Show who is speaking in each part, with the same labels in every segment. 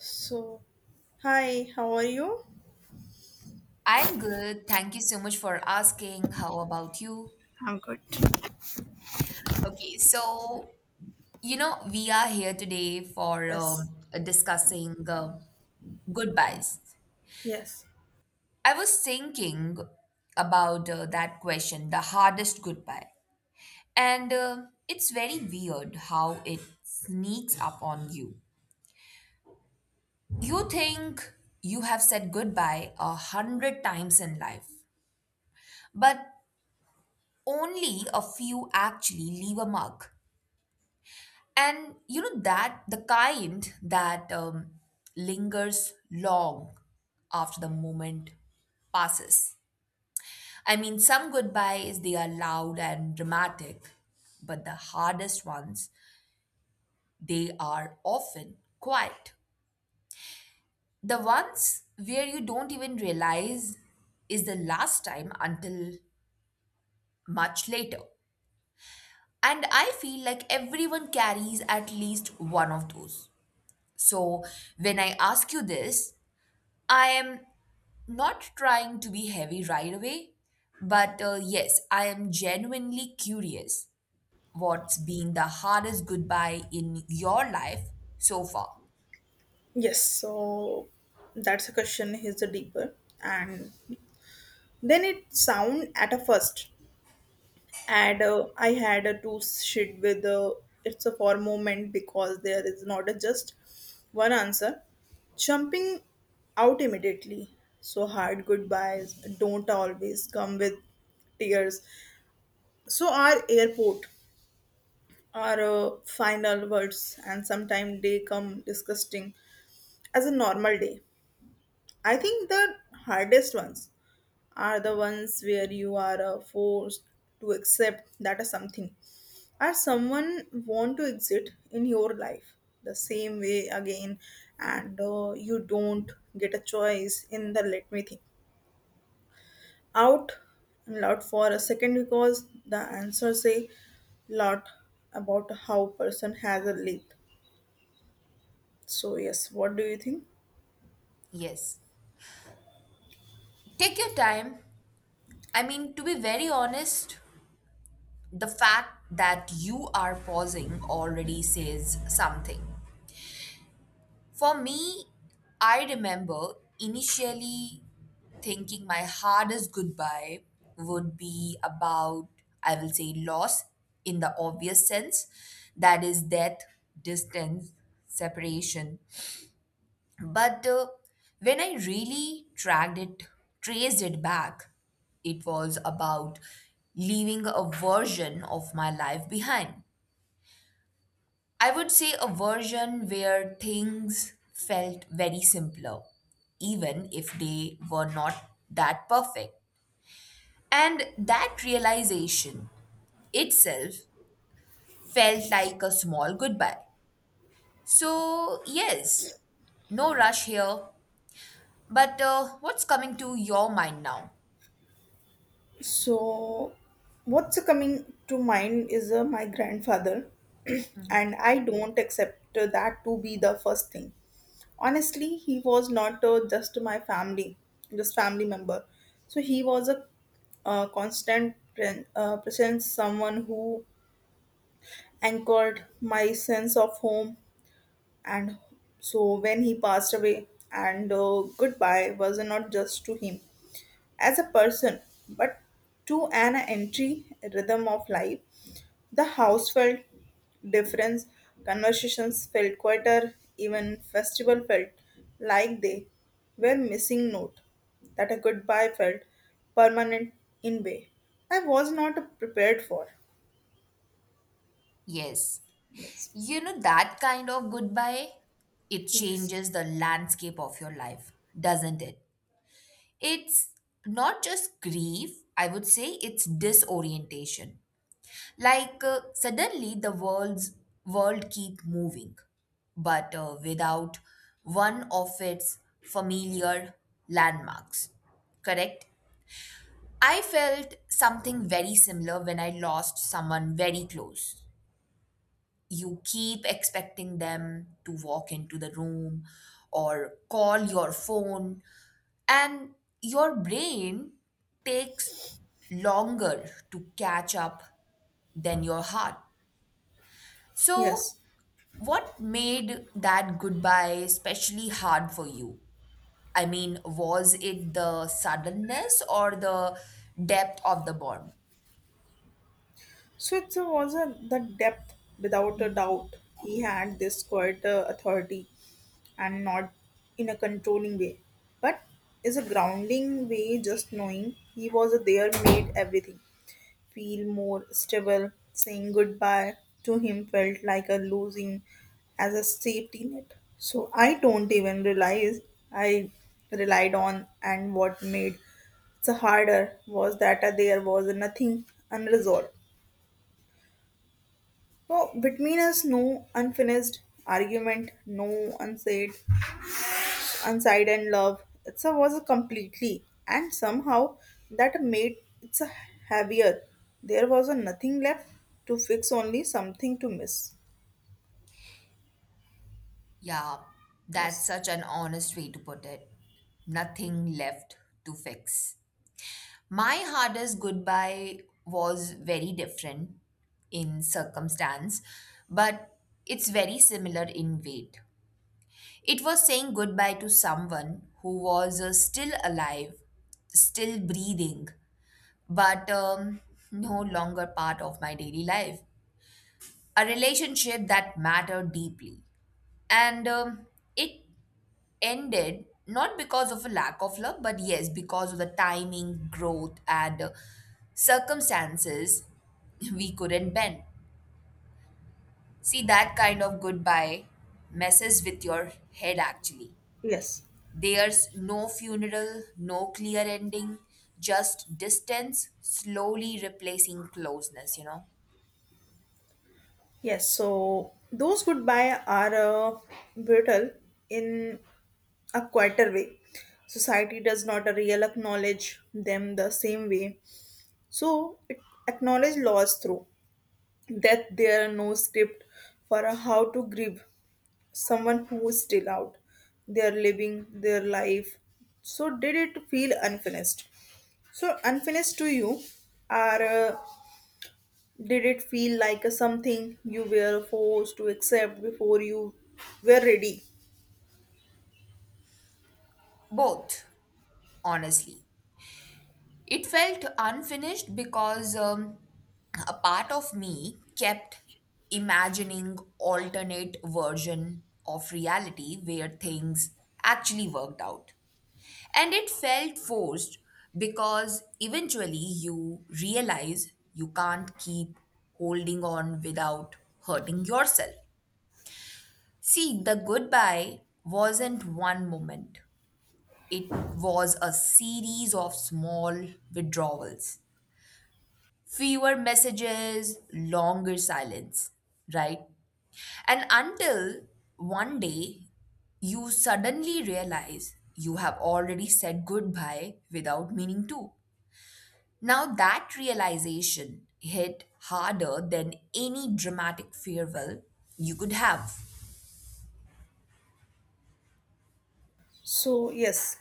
Speaker 1: So, hi, how are you?
Speaker 2: I'm good. Thank you so much for asking. How about you?
Speaker 1: I'm good.
Speaker 2: Okay, so we are here today for
Speaker 1: Yes.
Speaker 2: discussing goodbyes.
Speaker 1: Yes.
Speaker 2: I was thinking about that question, the hardest goodbye. And it's very weird how it sneaks up on you. You think you have said goodbye a hundred times in life, but only a few actually leave a mark. And you know that the kind that lingers long after the moment passes. I mean, some goodbyes they are loud and dramatic, but the hardest ones they are often quiet. The ones where you don't even realize is the last time until much later. And I feel like everyone carries at least one of those. So when I ask you this, I am not trying to be heavy right away, but yes, I am genuinely curious what's been the hardest goodbye in your life so far.
Speaker 1: Yes. So, that's a question is the deeper. And then it sound at a first. And I had a two shit with it's a for moment because there is not a just one answer. Jumping out immediately. So hard goodbyes don't always come with tears. So our airport are final words and sometimes they come disgusting as a normal day. I think the hardest ones are the ones where you are forced to accept that is something or someone want to exit in your life the same way again and you don't get a choice in the, let me think out loud for a second, because the answer say lot about how person has a lived. So yes, what do you think?
Speaker 2: Yes. Take your time. I mean, to be very honest, the fact that you are pausing already says something. For me, I remember initially thinking my hardest goodbye would be about, I will say, loss in the obvious sense that is, death, distance, separation. But when I really tracked it, traced it back, it was about leaving a version of my life behind. I would say a version where things felt very simpler, even if they were not that perfect. And that realization itself felt like a small goodbye. So, yes, no rush here. But what's coming to your mind now?
Speaker 1: So what's coming to mind is my grandfather, and I don't accept that to be the first thing. Honestly, he was not just my family, just family member. So he was a constant presence, someone who anchored my sense of home. And so when he passed away, and goodbye was not just to him as a person, but to an entry rhythm of life. The house felt different, conversations felt quieter, even festival felt like they were missing note that a goodbye felt permanent in way I was not prepared for.
Speaker 2: Yes,
Speaker 1: Yes.
Speaker 2: you know that kind of goodbye, it
Speaker 1: Yes.
Speaker 2: changes the landscape of your life, doesn't it? It's not just grief, I would say it's disorientation. Like suddenly the world keep moving, but without one of its familiar landmarks. Correct? I felt something very similar when I lost someone very close. You keep expecting them to walk into the room or call your phone and your brain takes longer to catch up than your heart. So,
Speaker 1: Yes.
Speaker 2: what made that goodbye especially hard for you? I mean, was it the suddenness or the depth of the bond?
Speaker 1: So it was the depth without a doubt. He had this quite authority and not in a controlling way, but is a grounding way, just knowing he was there made everything feel more stable. Saying goodbye to him felt like a losing as a safety net. So I don't even realize I relied on, and what made it so harder was that there was nothing unresolved. So between us, no unfinished argument, no unsaid inside and love. It's a, was a completely, and somehow that made it's a heavier. There was a nothing left to fix, only something to miss.
Speaker 2: Yeah, that's
Speaker 1: Yes,
Speaker 2: such an honest way to put it. Nothing left to fix. My hardest goodbye was very different in circumstance, but it's very similar in weight. It was saying goodbye to someone who was still alive, still breathing, but no longer part of my daily life. A relationship that mattered deeply. And it ended not because of a lack of love, but yes, because of the timing, growth, and circumstances we couldn't bend. See, that kind of goodbye messes with your head actually.
Speaker 1: yes,
Speaker 2: There's no funeral, no clear ending, just distance slowly replacing closeness, you know?
Speaker 1: yes. So those goodbye are brutal in a quieter way. Society does not real acknowledge them the same way. So it acknowledge loss through that there are no script for how to grieve someone who is still out they're living their life. So did it feel unfinished, so unfinished to you, are did it feel like something you were forced to accept before you were ready?
Speaker 2: Both, honestly. It felt unfinished because a part of me kept imagining alternate version of reality where things actually worked out. And it felt forced because eventually you realize you can't keep holding on without hurting yourself. See, the goodbye wasn't one moment. It was a series of small withdrawals, fewer messages, longer silence, right? And until one day you suddenly realize you have already said goodbye without meaning to. Now, that realization hit harder than any dramatic farewell you could have.
Speaker 1: So yes,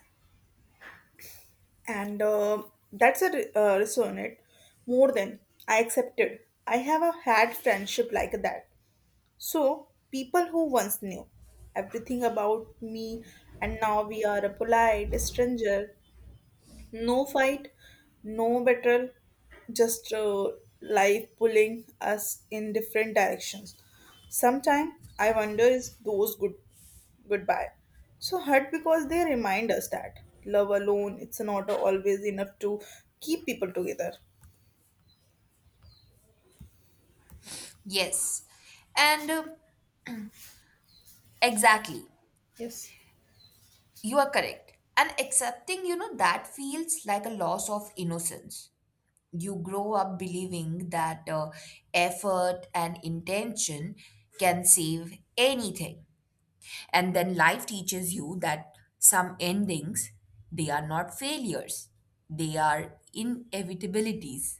Speaker 1: and that's a resonate more than I accepted. I have a had friendship like that. So, people who once knew everything about me, and now we are a polite stranger. No fight, no betrayal, just life pulling us in different directions. Sometimes I wonder is those goodbye so hurt because they remind us that love alone it's not always enough to keep people together.
Speaker 2: Yes. And exactly.
Speaker 1: Yes.
Speaker 2: You are correct. And accepting, that feels like a loss of innocence. You grow up believing that effort and intention can save anything, and then life teaches you that some endings, they are not failures, they are inevitabilities.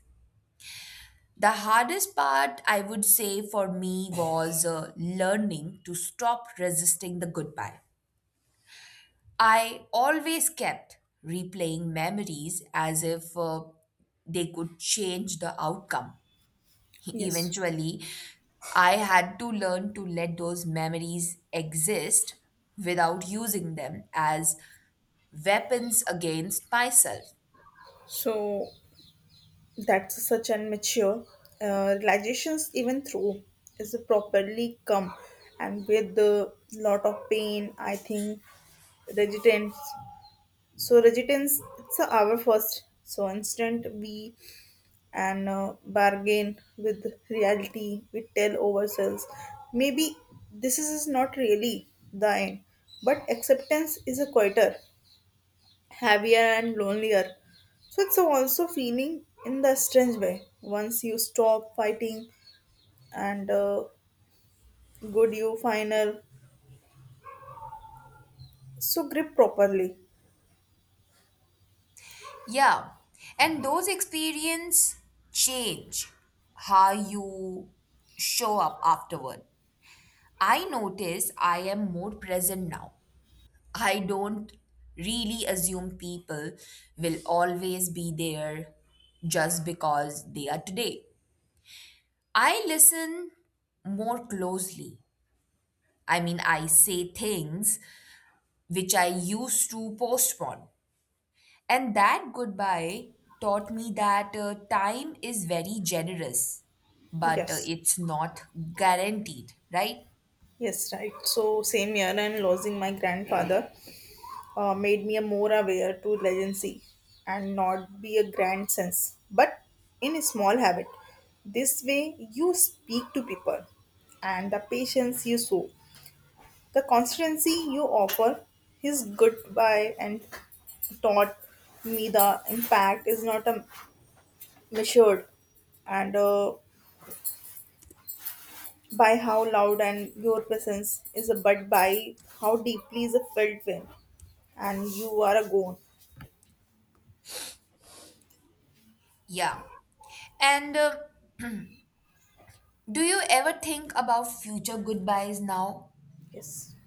Speaker 2: The hardest part, I would say, for me was learning to stop resisting the goodbye. I always kept replaying memories as if they could change the outcome.
Speaker 1: Yes,
Speaker 2: Eventually, I had to learn to let those memories exist without using them as weapons against myself.
Speaker 1: so that's such an mature realizations, even through is properly come and with a lot of pain, I think resistance. So resistance. It's our first so instant we and bargain with reality, we tell ourselves maybe this is not really the end, but acceptance is a quieter, heavier and lonelier. So it's also feeling in the strange way. Once you stop fighting and good you final so grip properly.
Speaker 2: Yeah, and those experience change how you show up afterward. I notice I am more present now. I don't really assume people will always be there just because they are today. I listen more closely. I mean, I say things which I used to postpone. And that goodbye taught me that time is very generous, but
Speaker 1: Yes,
Speaker 2: it's not guaranteed, right?
Speaker 1: yes, right. So same year and losing my grandfather made me a more aware to legacy, and not be a grand sense, but in a small habit. This way you speak to people and the patience you show, the constancy you offer, his goodbye and taught me the impact is not a measured and by how loud and your presence is but by how deeply is a felt when and you are a gone.
Speaker 2: Yeah. And do you ever think about future goodbyes now?
Speaker 1: Yes.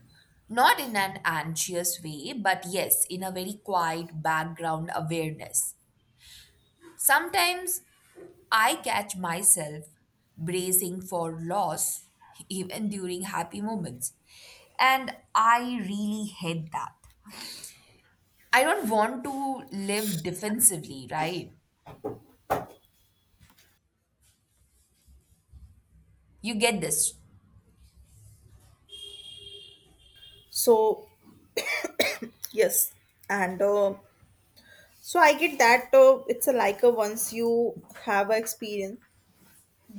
Speaker 2: Not in an anxious way, but yes, in a very quiet background awareness. Sometimes I catch myself bracing for loss even during happy moments. And I really hate that. I don't want to live defensively, right? You get this.
Speaker 1: So yes, and so I get that it's a like a once you have a experience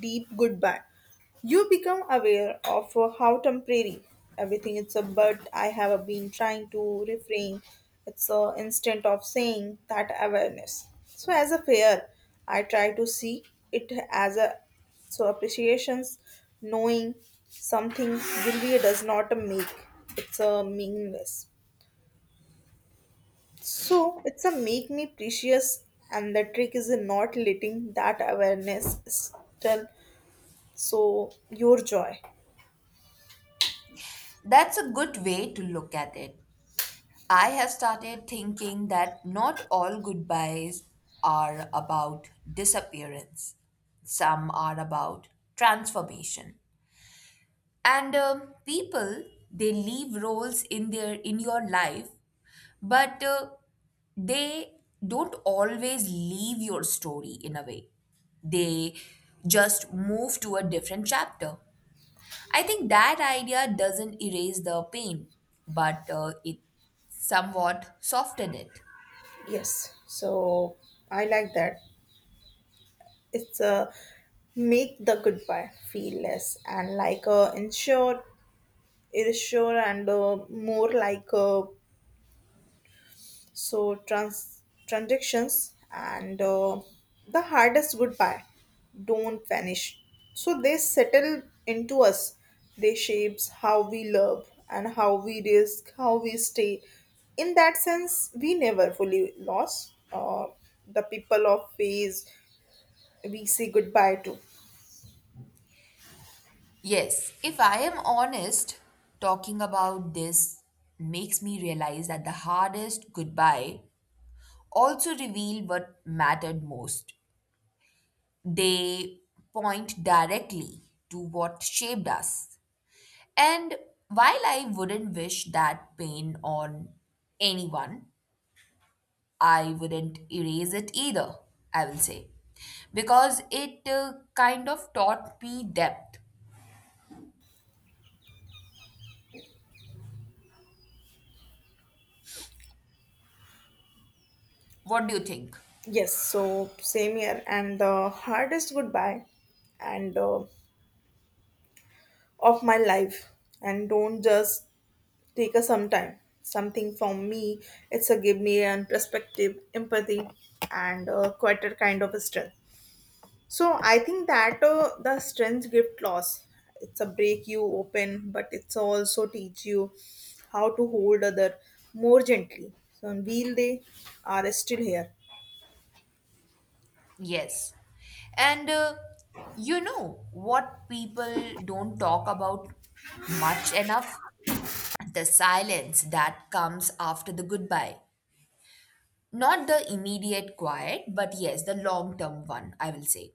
Speaker 1: deep goodbye. You become aware of how temporary everything is, a but I have been trying to refrain. It's an instant of saying that awareness. So as a fair, I try to see it as a so appreciations, knowing something really does not make it's a meaningless. So it's a make me precious, and the trick is in not letting that awareness still so your joy.
Speaker 2: That's a good way to look at it. I have started thinking that not all goodbyes are about disappearance, some are about transformation. And people, they leave roles in their in your life. But they don't always leave your story in a way. They just move to a different chapter. I think that idea doesn't erase the pain, but it somewhat softens it.
Speaker 1: Yes, so I like that. It's a make the goodbye feel less and like a ensure, reassure, and more like so transactions, and the hardest goodbye don't vanish. So they settle into us. They shapes how we love and how we risk, how we stay. In that sense, we never fully lost. The people of phase we say goodbye to.
Speaker 2: Yes, if I am honest, talking about this makes me realize that the hardest goodbye also revealed what mattered most. They point directly to what shaped us. And while I wouldn't wish that pain on anyone, I wouldn't erase it either, I will say. Because it kind of taught me depth. What do you think?
Speaker 1: Yes, so same here, and the hardest goodbye, and of my life, and don't just take a some time. Something from me, it's a give me an perspective, empathy, and quite a kind of a strength. So I think that the strength gift loss, it's a break you open, but it's also teach you how to hold other more gently. So on wheel they are still here.
Speaker 2: Yes. And you know what people don't talk about much enough? The silence that comes after the goodbye. Not the immediate quiet, but yes, the long term one, I will say.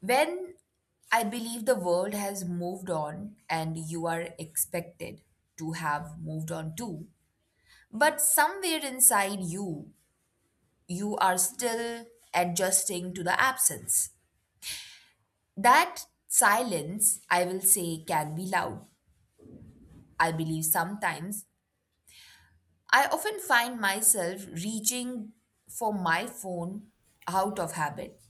Speaker 2: When I believe the world has moved on and you are expected to have moved on too, but somewhere inside you, you are still adjusting to the absence. That silence, I will say, can be loud. I believe sometimes I often find myself reaching for my phone out of habit,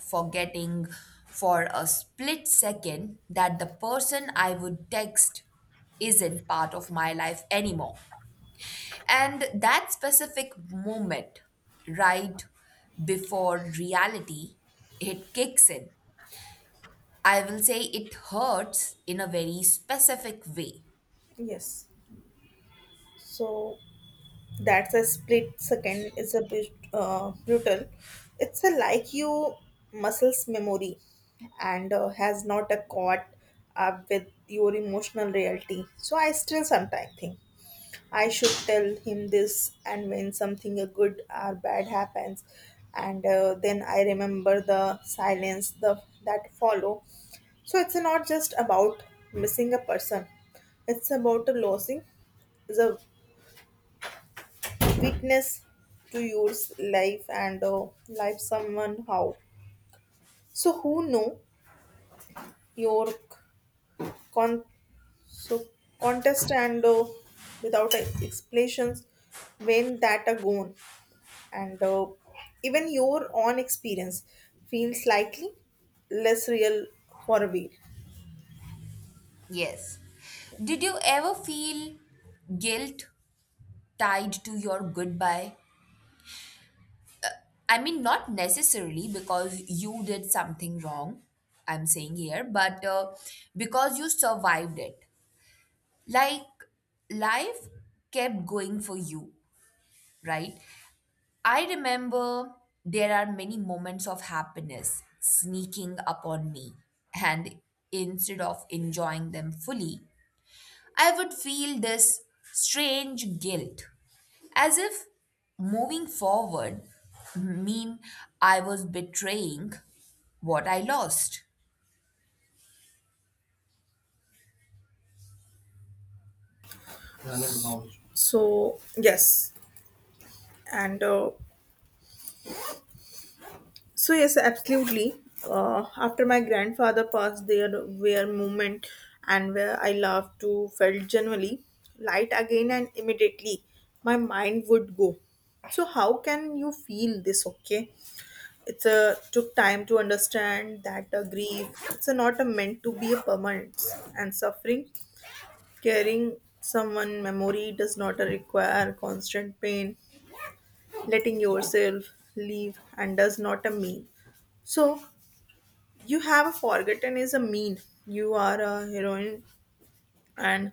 Speaker 2: forgetting for a split second that the person I would text isn't part of my life anymore. And that specific moment, right before reality, it kicks in. I will say it hurts in a very specific way.
Speaker 1: Yes. So that's a split second. It's a bit brutal. It's a like you muscles memory and has not a caught up with your emotional reality. So I still sometimes think I should tell him this, and when something a good or bad happens, and then I remember the silence the that follow. So it's not just about missing a person; it's about a losing is a witness to your life and life someone how so who know your con- so contest and without explanations when that are gone and even your own experience feels slightly less real for a while.
Speaker 2: Yes. Did you ever feel guilt tied to your goodbye? I mean, not necessarily because you did something wrong, I'm saying here, but because you survived it. Like, life kept going for you, right? I remember there are many moments of happiness sneaking up on me, and instead of enjoying them fully, I would feel this strange guilt, as if moving forward mean I was betraying what I lost.
Speaker 1: So yes, and so yes, absolutely. After my grandfather passed, there were moment and where I loved to felt genuinely light again, and immediately my mind would go. So how can you feel this? Okay, it's a took time to understand that a grief. It's a not a meant to be a permanent and suffering. Caring someone memory does not require constant pain. Letting yourself leave and does not a mean. So you have forgotten is a mean. You are a heroine and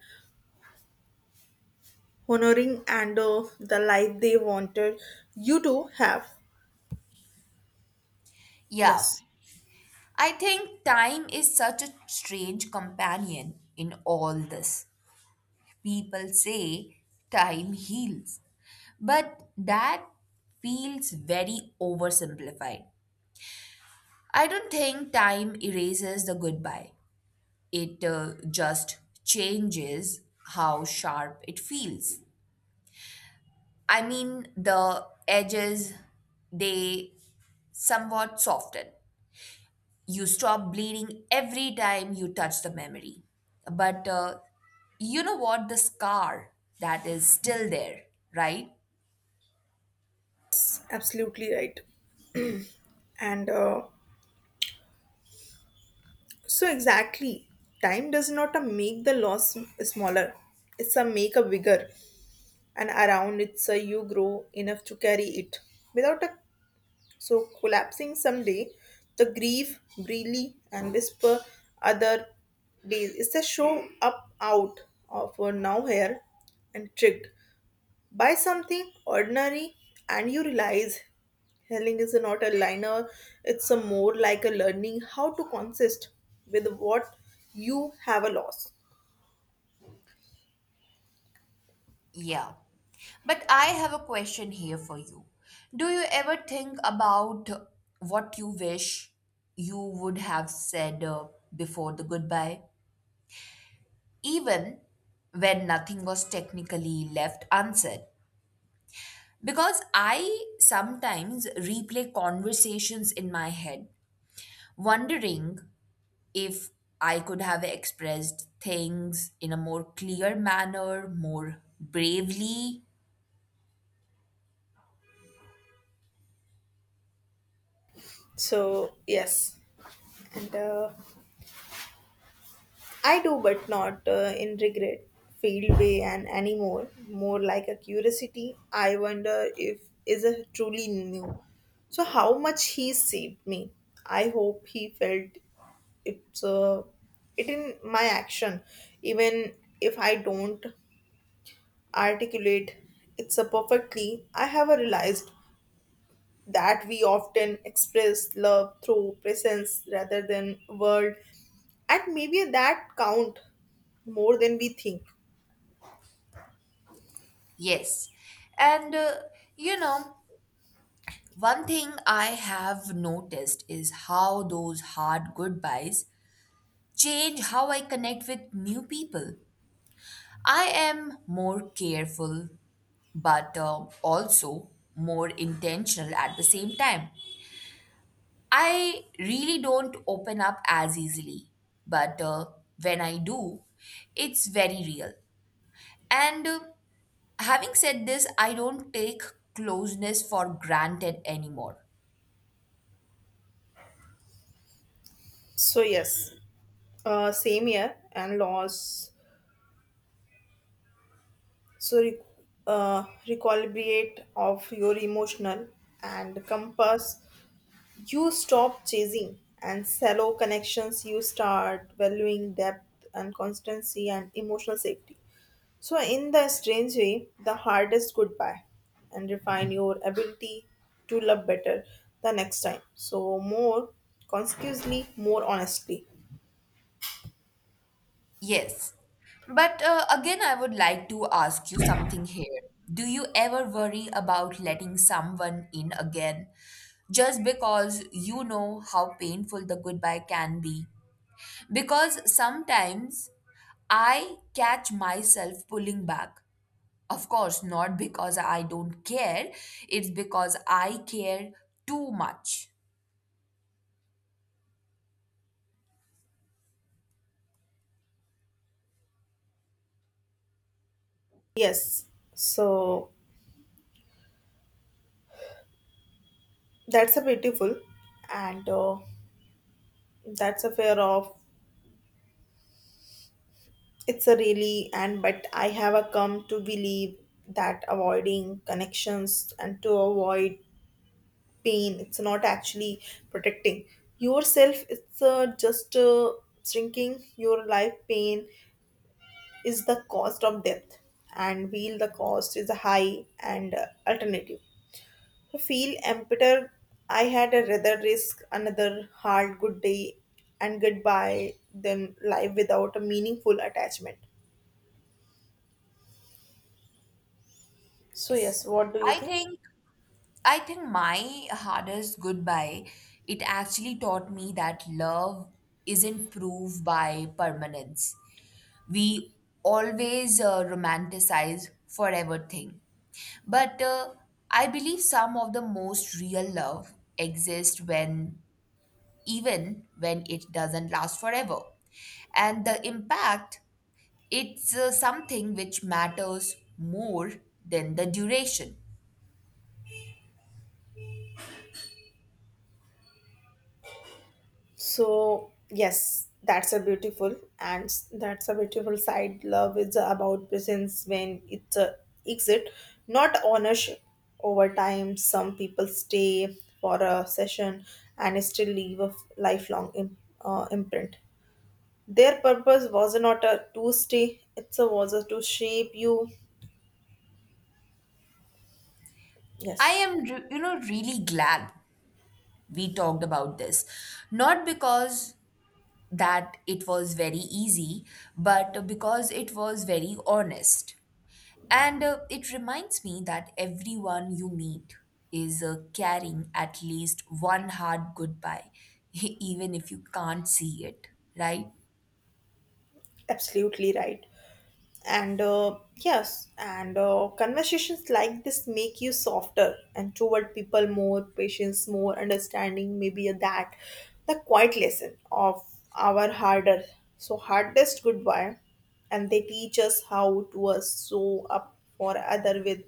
Speaker 1: honoring and the life they wanted you to have.
Speaker 2: Yeah,
Speaker 1: Yes,
Speaker 2: I think time is such a strange companion in all this. People say time heals, but that feels very oversimplified. I don't think time erases the goodbye. It just changes how sharp it feels. I mean, the edges, they somewhat soften. You stop bleeding every time you touch the memory. But you know what? The scar that is still there, right?
Speaker 1: absolutely right. And so exactly, time does not make the loss smaller. It's a make a bigger, and around it's a you grow enough to carry it without a so collapsing someday, the grieve, brilli, and whisper other days. It's a show up out of a now here and tricked by something ordinary, and you realize healing is not a liner, it's a more like a learning how to consist with what you have a loss.
Speaker 2: Yeah. But I have a question here for you. Do you ever think about what you wish you would have said before the goodbye? Even when nothing was technically left unsaid. Because I sometimes replay conversations in my head, wondering if I could have expressed things in a more clear manner, more bravely.
Speaker 1: So yes. And I do, but not in regret, field way, and anymore. More like a curiosity. I wonder if is a truly new. So how much he saved me. I hope he felt it's it in my action, even if I don't articulate it so perfectly. I have realized that we often express love through presence rather than word, and maybe that count more than we think.
Speaker 2: Yes. And, uh, you know, one thing I have noticed is how those hard goodbyes change how I connect with new people. I am more careful, but also more intentional at the same time. I really don't open up as easily, but when I do, it's very real. And having said this, I don't take closeness for granted anymore.
Speaker 1: So yes, same year and loss so recalibrate of your emotional and compass, you stop chasing and shallow connections, you start valuing depth and constancy and emotional safety. So, in the strange way, the hardest goodbye and refine your ability to love better the next time. So, more consciously, more honestly.
Speaker 2: Yes. But again, I would like to ask you something here. Do you ever worry about letting someone in again just because you know how painful the goodbye can be? Because sometimes I catch myself pulling back. Of course, not because I don't care, it's because I care too much.
Speaker 1: Yes, so that's a beautiful and that's a fair of it's a really and but I have a come to believe that avoiding connections and to avoid pain it's not actually protecting yourself, it's just shrinking your life. Pain is the cost of death, and feel the cost is high and alternative I feel empty. I had a rather risk another hard good day and goodbye than life without a meaningful attachment. So yes, what do you
Speaker 2: I
Speaker 1: think?
Speaker 2: think I think my hardest goodbye it actually taught me that love isn't proved by permanence. We always romanticize forever thing. But I believe some of the most real love exists when, even when it doesn't last forever. And the impact, it's something which matters more than the duration.
Speaker 1: So, yes, that's a beautiful and that's a beautiful side. Love is about presence when it's a exit, not ownership. Over time, some people stay for a session and still leave a lifelong imprint. Their purpose was not a to stay; it was a to shape you.
Speaker 2: I
Speaker 1: Yes,
Speaker 2: am, re- you know, really glad we talked about this. Not because that it was very easy, but because it was very honest. And it reminds me that everyone you meet is carrying at least one hard goodbye, even if you can't see it, right?
Speaker 1: absolutely right. And yes, and conversations like this make you softer and toward people, more patience, more understanding, maybe a that the quiet lesson of our harder so hardest goodbye, and they teach us how to show up for other with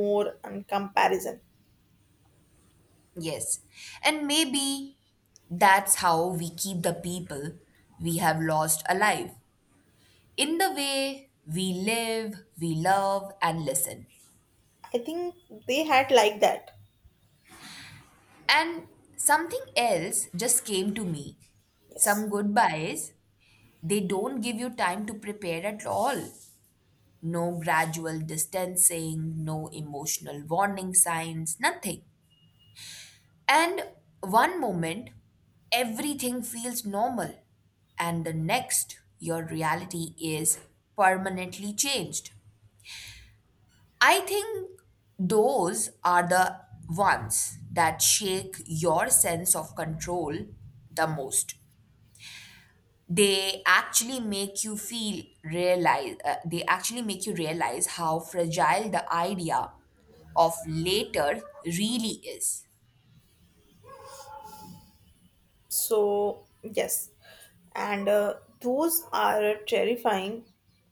Speaker 1: more and comparison.
Speaker 2: Yes. And maybe that's how we keep the people we have lost alive in the way we live, we love, and listen.
Speaker 1: I think they had like that.
Speaker 2: And something else just came to me.
Speaker 1: Yes.
Speaker 2: Some goodbyes, they don't give you time to prepare at all. No gradual distancing, no emotional warning signs, nothing. And one moment, everything feels normal, and the next, your reality is permanently changed. I think those are the ones that shake your sense of control the most. They actually make you realize how fragile the idea of later really is.
Speaker 1: So, yes, and those are terrifying.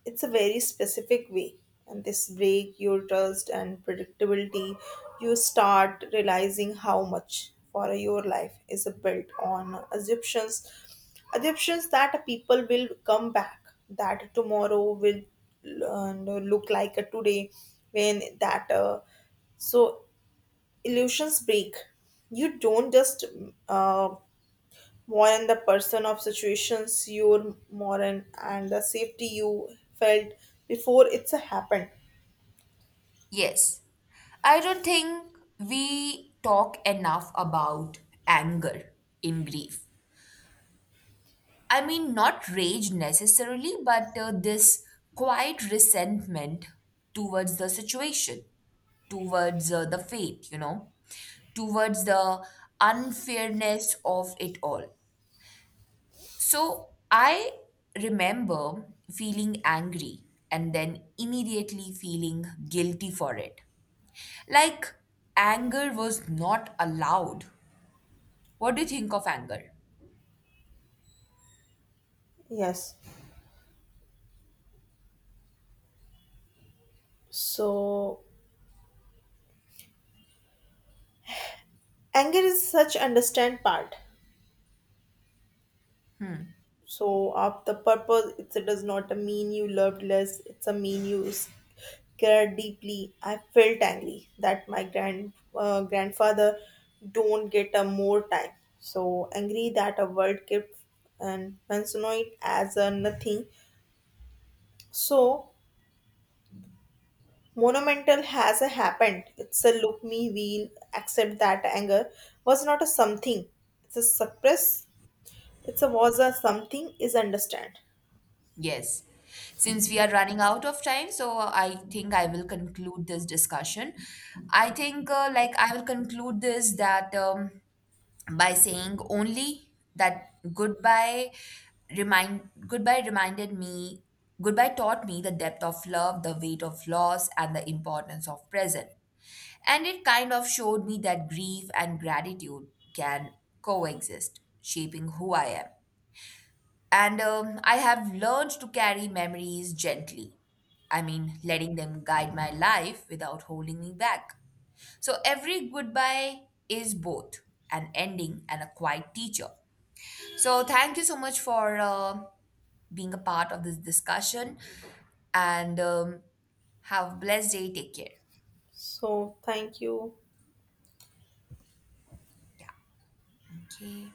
Speaker 1: It's a very specific way, and this break your trust and predictability. You start realizing how much for your life is built on assumptions, assumptions that people will come back, that tomorrow will look like a today, when that so illusions break. You don't just uh, more in the person of situations you're more in and the safety you felt before it's a happened.
Speaker 2: Yes, I don't think we talk enough about anger in grief. I mean, not rage necessarily, but this quiet resentment towards the situation, towards the fate, towards the unfairness of it all. So I remember feeling angry and then immediately feeling guilty for it. Like anger was not allowed. What do you think of anger?
Speaker 1: Yes, so anger is such understand part so of the purpose it does not mean you loved less, it's a mean you cared deeply. I felt angry that my grandfather don't get a more time, so angry that a world kept and consider it as a nothing so monumental has happened. It's a look me we'll accept that anger was not a something. It's a suppress. It's a was a something is understand.
Speaker 2: Yes. Since we are running out of time, so I think I will conclude this discussion. I think, like, I will conclude this that by saying only that goodbye remind goodbye reminded me goodbye taught me the depth of love, the weight of loss, and the importance of present. And it kind of showed me that grief and gratitude can coexist, shaping who I am. And I have learned to carry memories gently. I mean letting them guide my life without holding me back. So every goodbye is both an ending and a quiet teacher. So thank you so much for being a part of this discussion, and have a blessed day. Take care.
Speaker 1: So thank you.
Speaker 2: Okay.